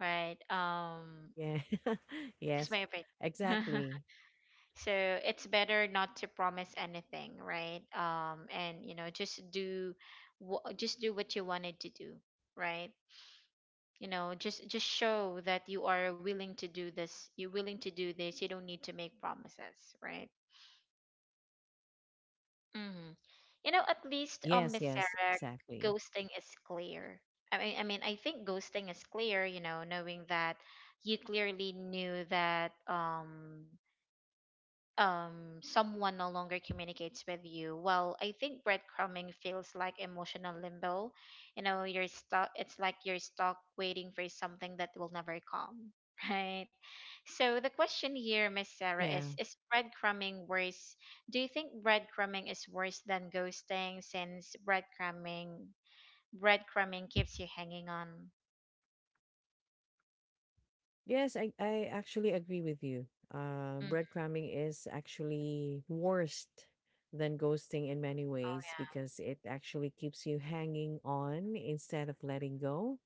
A: right?
B: Yeah.
A: Just my
B: yes,
A: opinion.
B: exactly.
A: So it's better not to promise anything, right? And you know just do just do what you wanted to do, right? You know, just show that you are willing to do this. You're willing to do this. You don't need to make promises, right? Hmm. You know, at least
B: Yes,
A: Miss
B: yes,
A: Sarah,
B: exactly.
A: ghosting is clear. I mean, I think ghosting is clear. You know, knowing that you clearly knew that someone no longer communicates with you. Well, I think breadcrumbing feels like emotional limbo. You know, you're stuck. It's like you're stuck waiting for something that will never come. right. So the question here, Miss Sarah,
B: Yeah.
A: is breadcrumbing worse? Do you think breadcrumbing is worse than ghosting, since breadcrumbing keeps you hanging on?
B: Yes, I actually agree with you.
A: Mm.
B: Breadcrumbing is actually worst than ghosting in many ways,
A: Oh,
B: because it actually keeps you hanging on instead of letting go.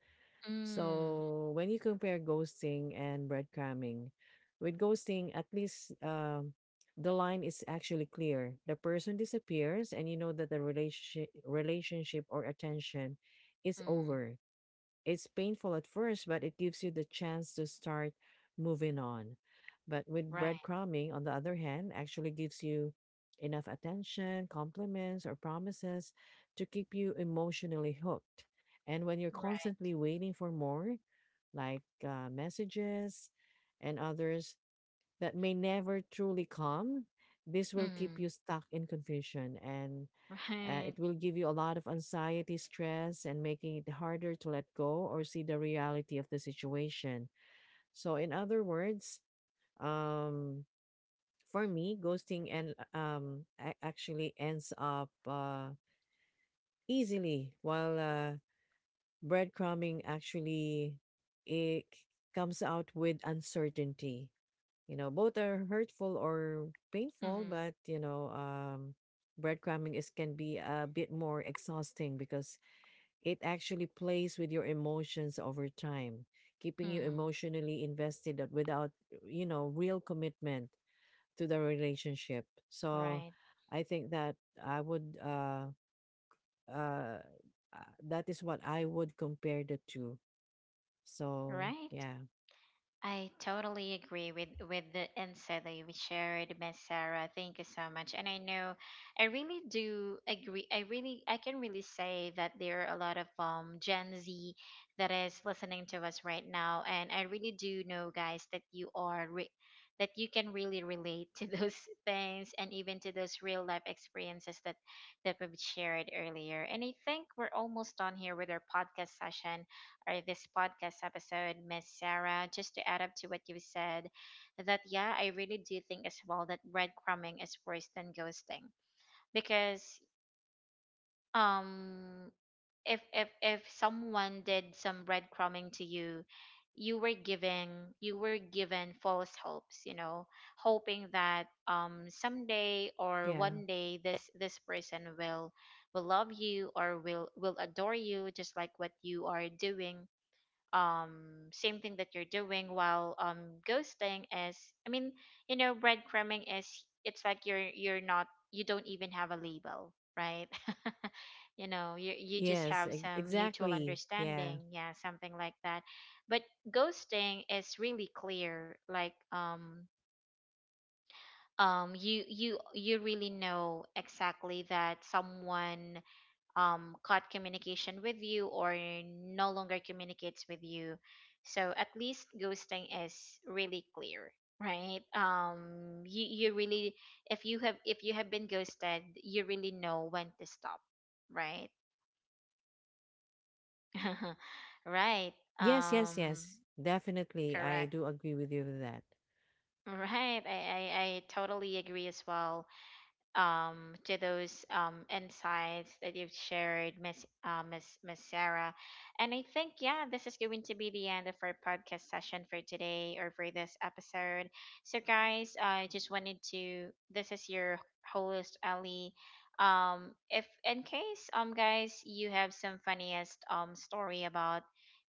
A: yeah. Mm,
B: So when you compare ghosting and breadcrumbing, with ghosting, at least the line is actually clear. The person disappears, and you know that the relationship or attention is
A: mm,
B: over. It's painful at first, but it gives you the chance to start moving on. But with
A: right,
B: breadcrumbing, on the other hand, actually gives you enough attention, compliments, or promises to keep you emotionally hooked. And when you're constantly
A: right.
B: waiting for more, like messages and others, that may never truly come. This will keep you
A: Mm.
B: stuck in confusion, and it
A: right.
B: will give you a lot of anxiety, stress, and making it harder to let go or see the reality of the situation. So, in other words, um, for me, ghosting and actually ends up easily, while breadcrumbing actually, it comes out with uncertainty. You know, both are hurtful or painful,
A: Mm.
B: but you know, breadcrumbing is can be a bit more exhausting because it actually plays with your emotions over time, keeping you
A: Mm,
B: emotionally invested that without, you know, real commitment to the relationship. So
A: right,
B: I think that I would uh that is what I would compare the two. So
A: right.
B: yeah,
A: I totally agree with the insight that you shared, Miss Sarah. Thank you so much. And I know, I really do agree. I really, I can really say that there are a lot of Gen Z that is listening to us right now, and I really do know, guys, that that you can really relate to those things and even to those real life experiences that we've shared earlier. And I think we're almost done here with our podcast session, or this podcast episode, Miss Sarah. Just to add up to what you said, that, yeah, I really do think as well that breadcrumbing is worse than ghosting because, um if someone did some breadcrumbing to you, you were giving you were given false hopes, you know, hoping that someday or
B: yeah,
A: one day this person will love you or will adore you just like what you are doing, um same thing that you're doing. While, ghosting is, I mean, you know, breadcrumbing is, it's like you're not, you don't even have a label, right? you know, you just
B: yes,
A: have some mutual
B: exactly. Yeah.
A: understanding, yeah, something like that. But ghosting is really clear, like you really know exactly that someone, cut communication with you or no longer communicates with you. So at least ghosting is really clear, right? You really, if you have been ghosted, you really know when to stop, right? right.
B: Yes, yes,
A: Um,
B: yes. Definitely. I
A: correct.
B: do agree with you with that.
A: Right. I totally agree as well. To those insights that you've shared, Miss Sarah. And I think, yeah, this is going to be the end of our podcast session for today or for this episode. So guys, I just wanted to. This is your host Ali. If in case guys you have some funniest story about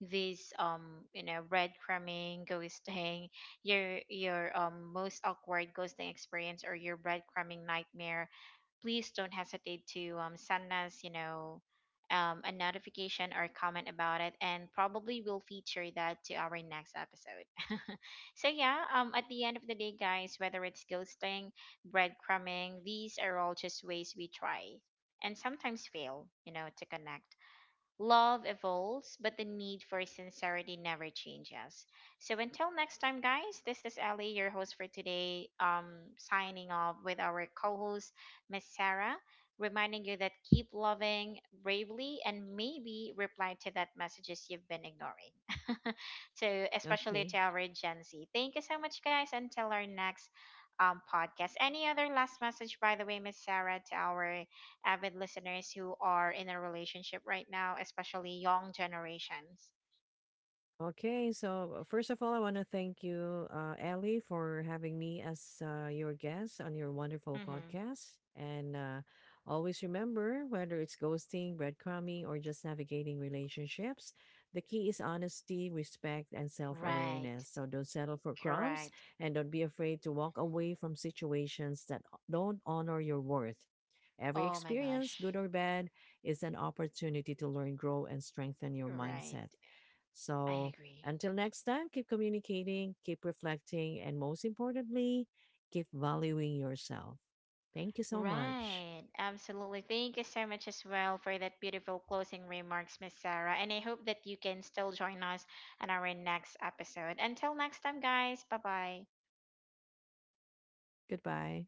A: this you know breadcrumbing, ghosting, your most awkward ghosting experience or your breadcrumbing nightmare, please don't hesitate to send us, you know, a notification or comment about it, and probably we'll feature that to our next episode. so yeah, at the end of the day, guys, whether it's ghosting, breadcrumbing, these are all just ways we try and sometimes fail, you know, to connect. Love evolves, but the need for sincerity never changes. So until next time, guys, this is Ellie, your host for today, signing off with our co-host, Miss Sarah, reminding you that keep loving bravely and maybe reply to that messages you've been ignoring. So especially
B: Okay.
A: to our Gen Z. Thank you so much, guys. Until our next podcast. Any other last message, by the way, Miss Sarah, to our avid listeners who are in a relationship right now, especially young generations?
B: Okay, so first of all, I want to thank you, Ellie, for having me as your guest on your wonderful
A: Mm-hmm.
B: podcast. And always remember, whether it's ghosting, breadcrumbing, or just navigating relationships, the key is honesty, respect, and self awareness.
A: Right.
B: So don't settle for crumbs,
A: Correct.
B: and don't be afraid to walk away from situations that don't honor your worth. Every
A: Oh my
B: experience,
A: gosh.
B: good or bad, is an opportunity to learn, grow, and strengthen your
A: Right.
B: mindset.
A: I
B: So
A: agree.
B: until next time, keep communicating, keep reflecting, and most importantly, keep valuing yourself. Thank you so much.
A: Right. Absolutely. Thank you so much as well for that beautiful closing remarks, Miss Sarah. And I hope that you can still join us on our next episode. Until next time, guys. Bye bye.
B: Goodbye.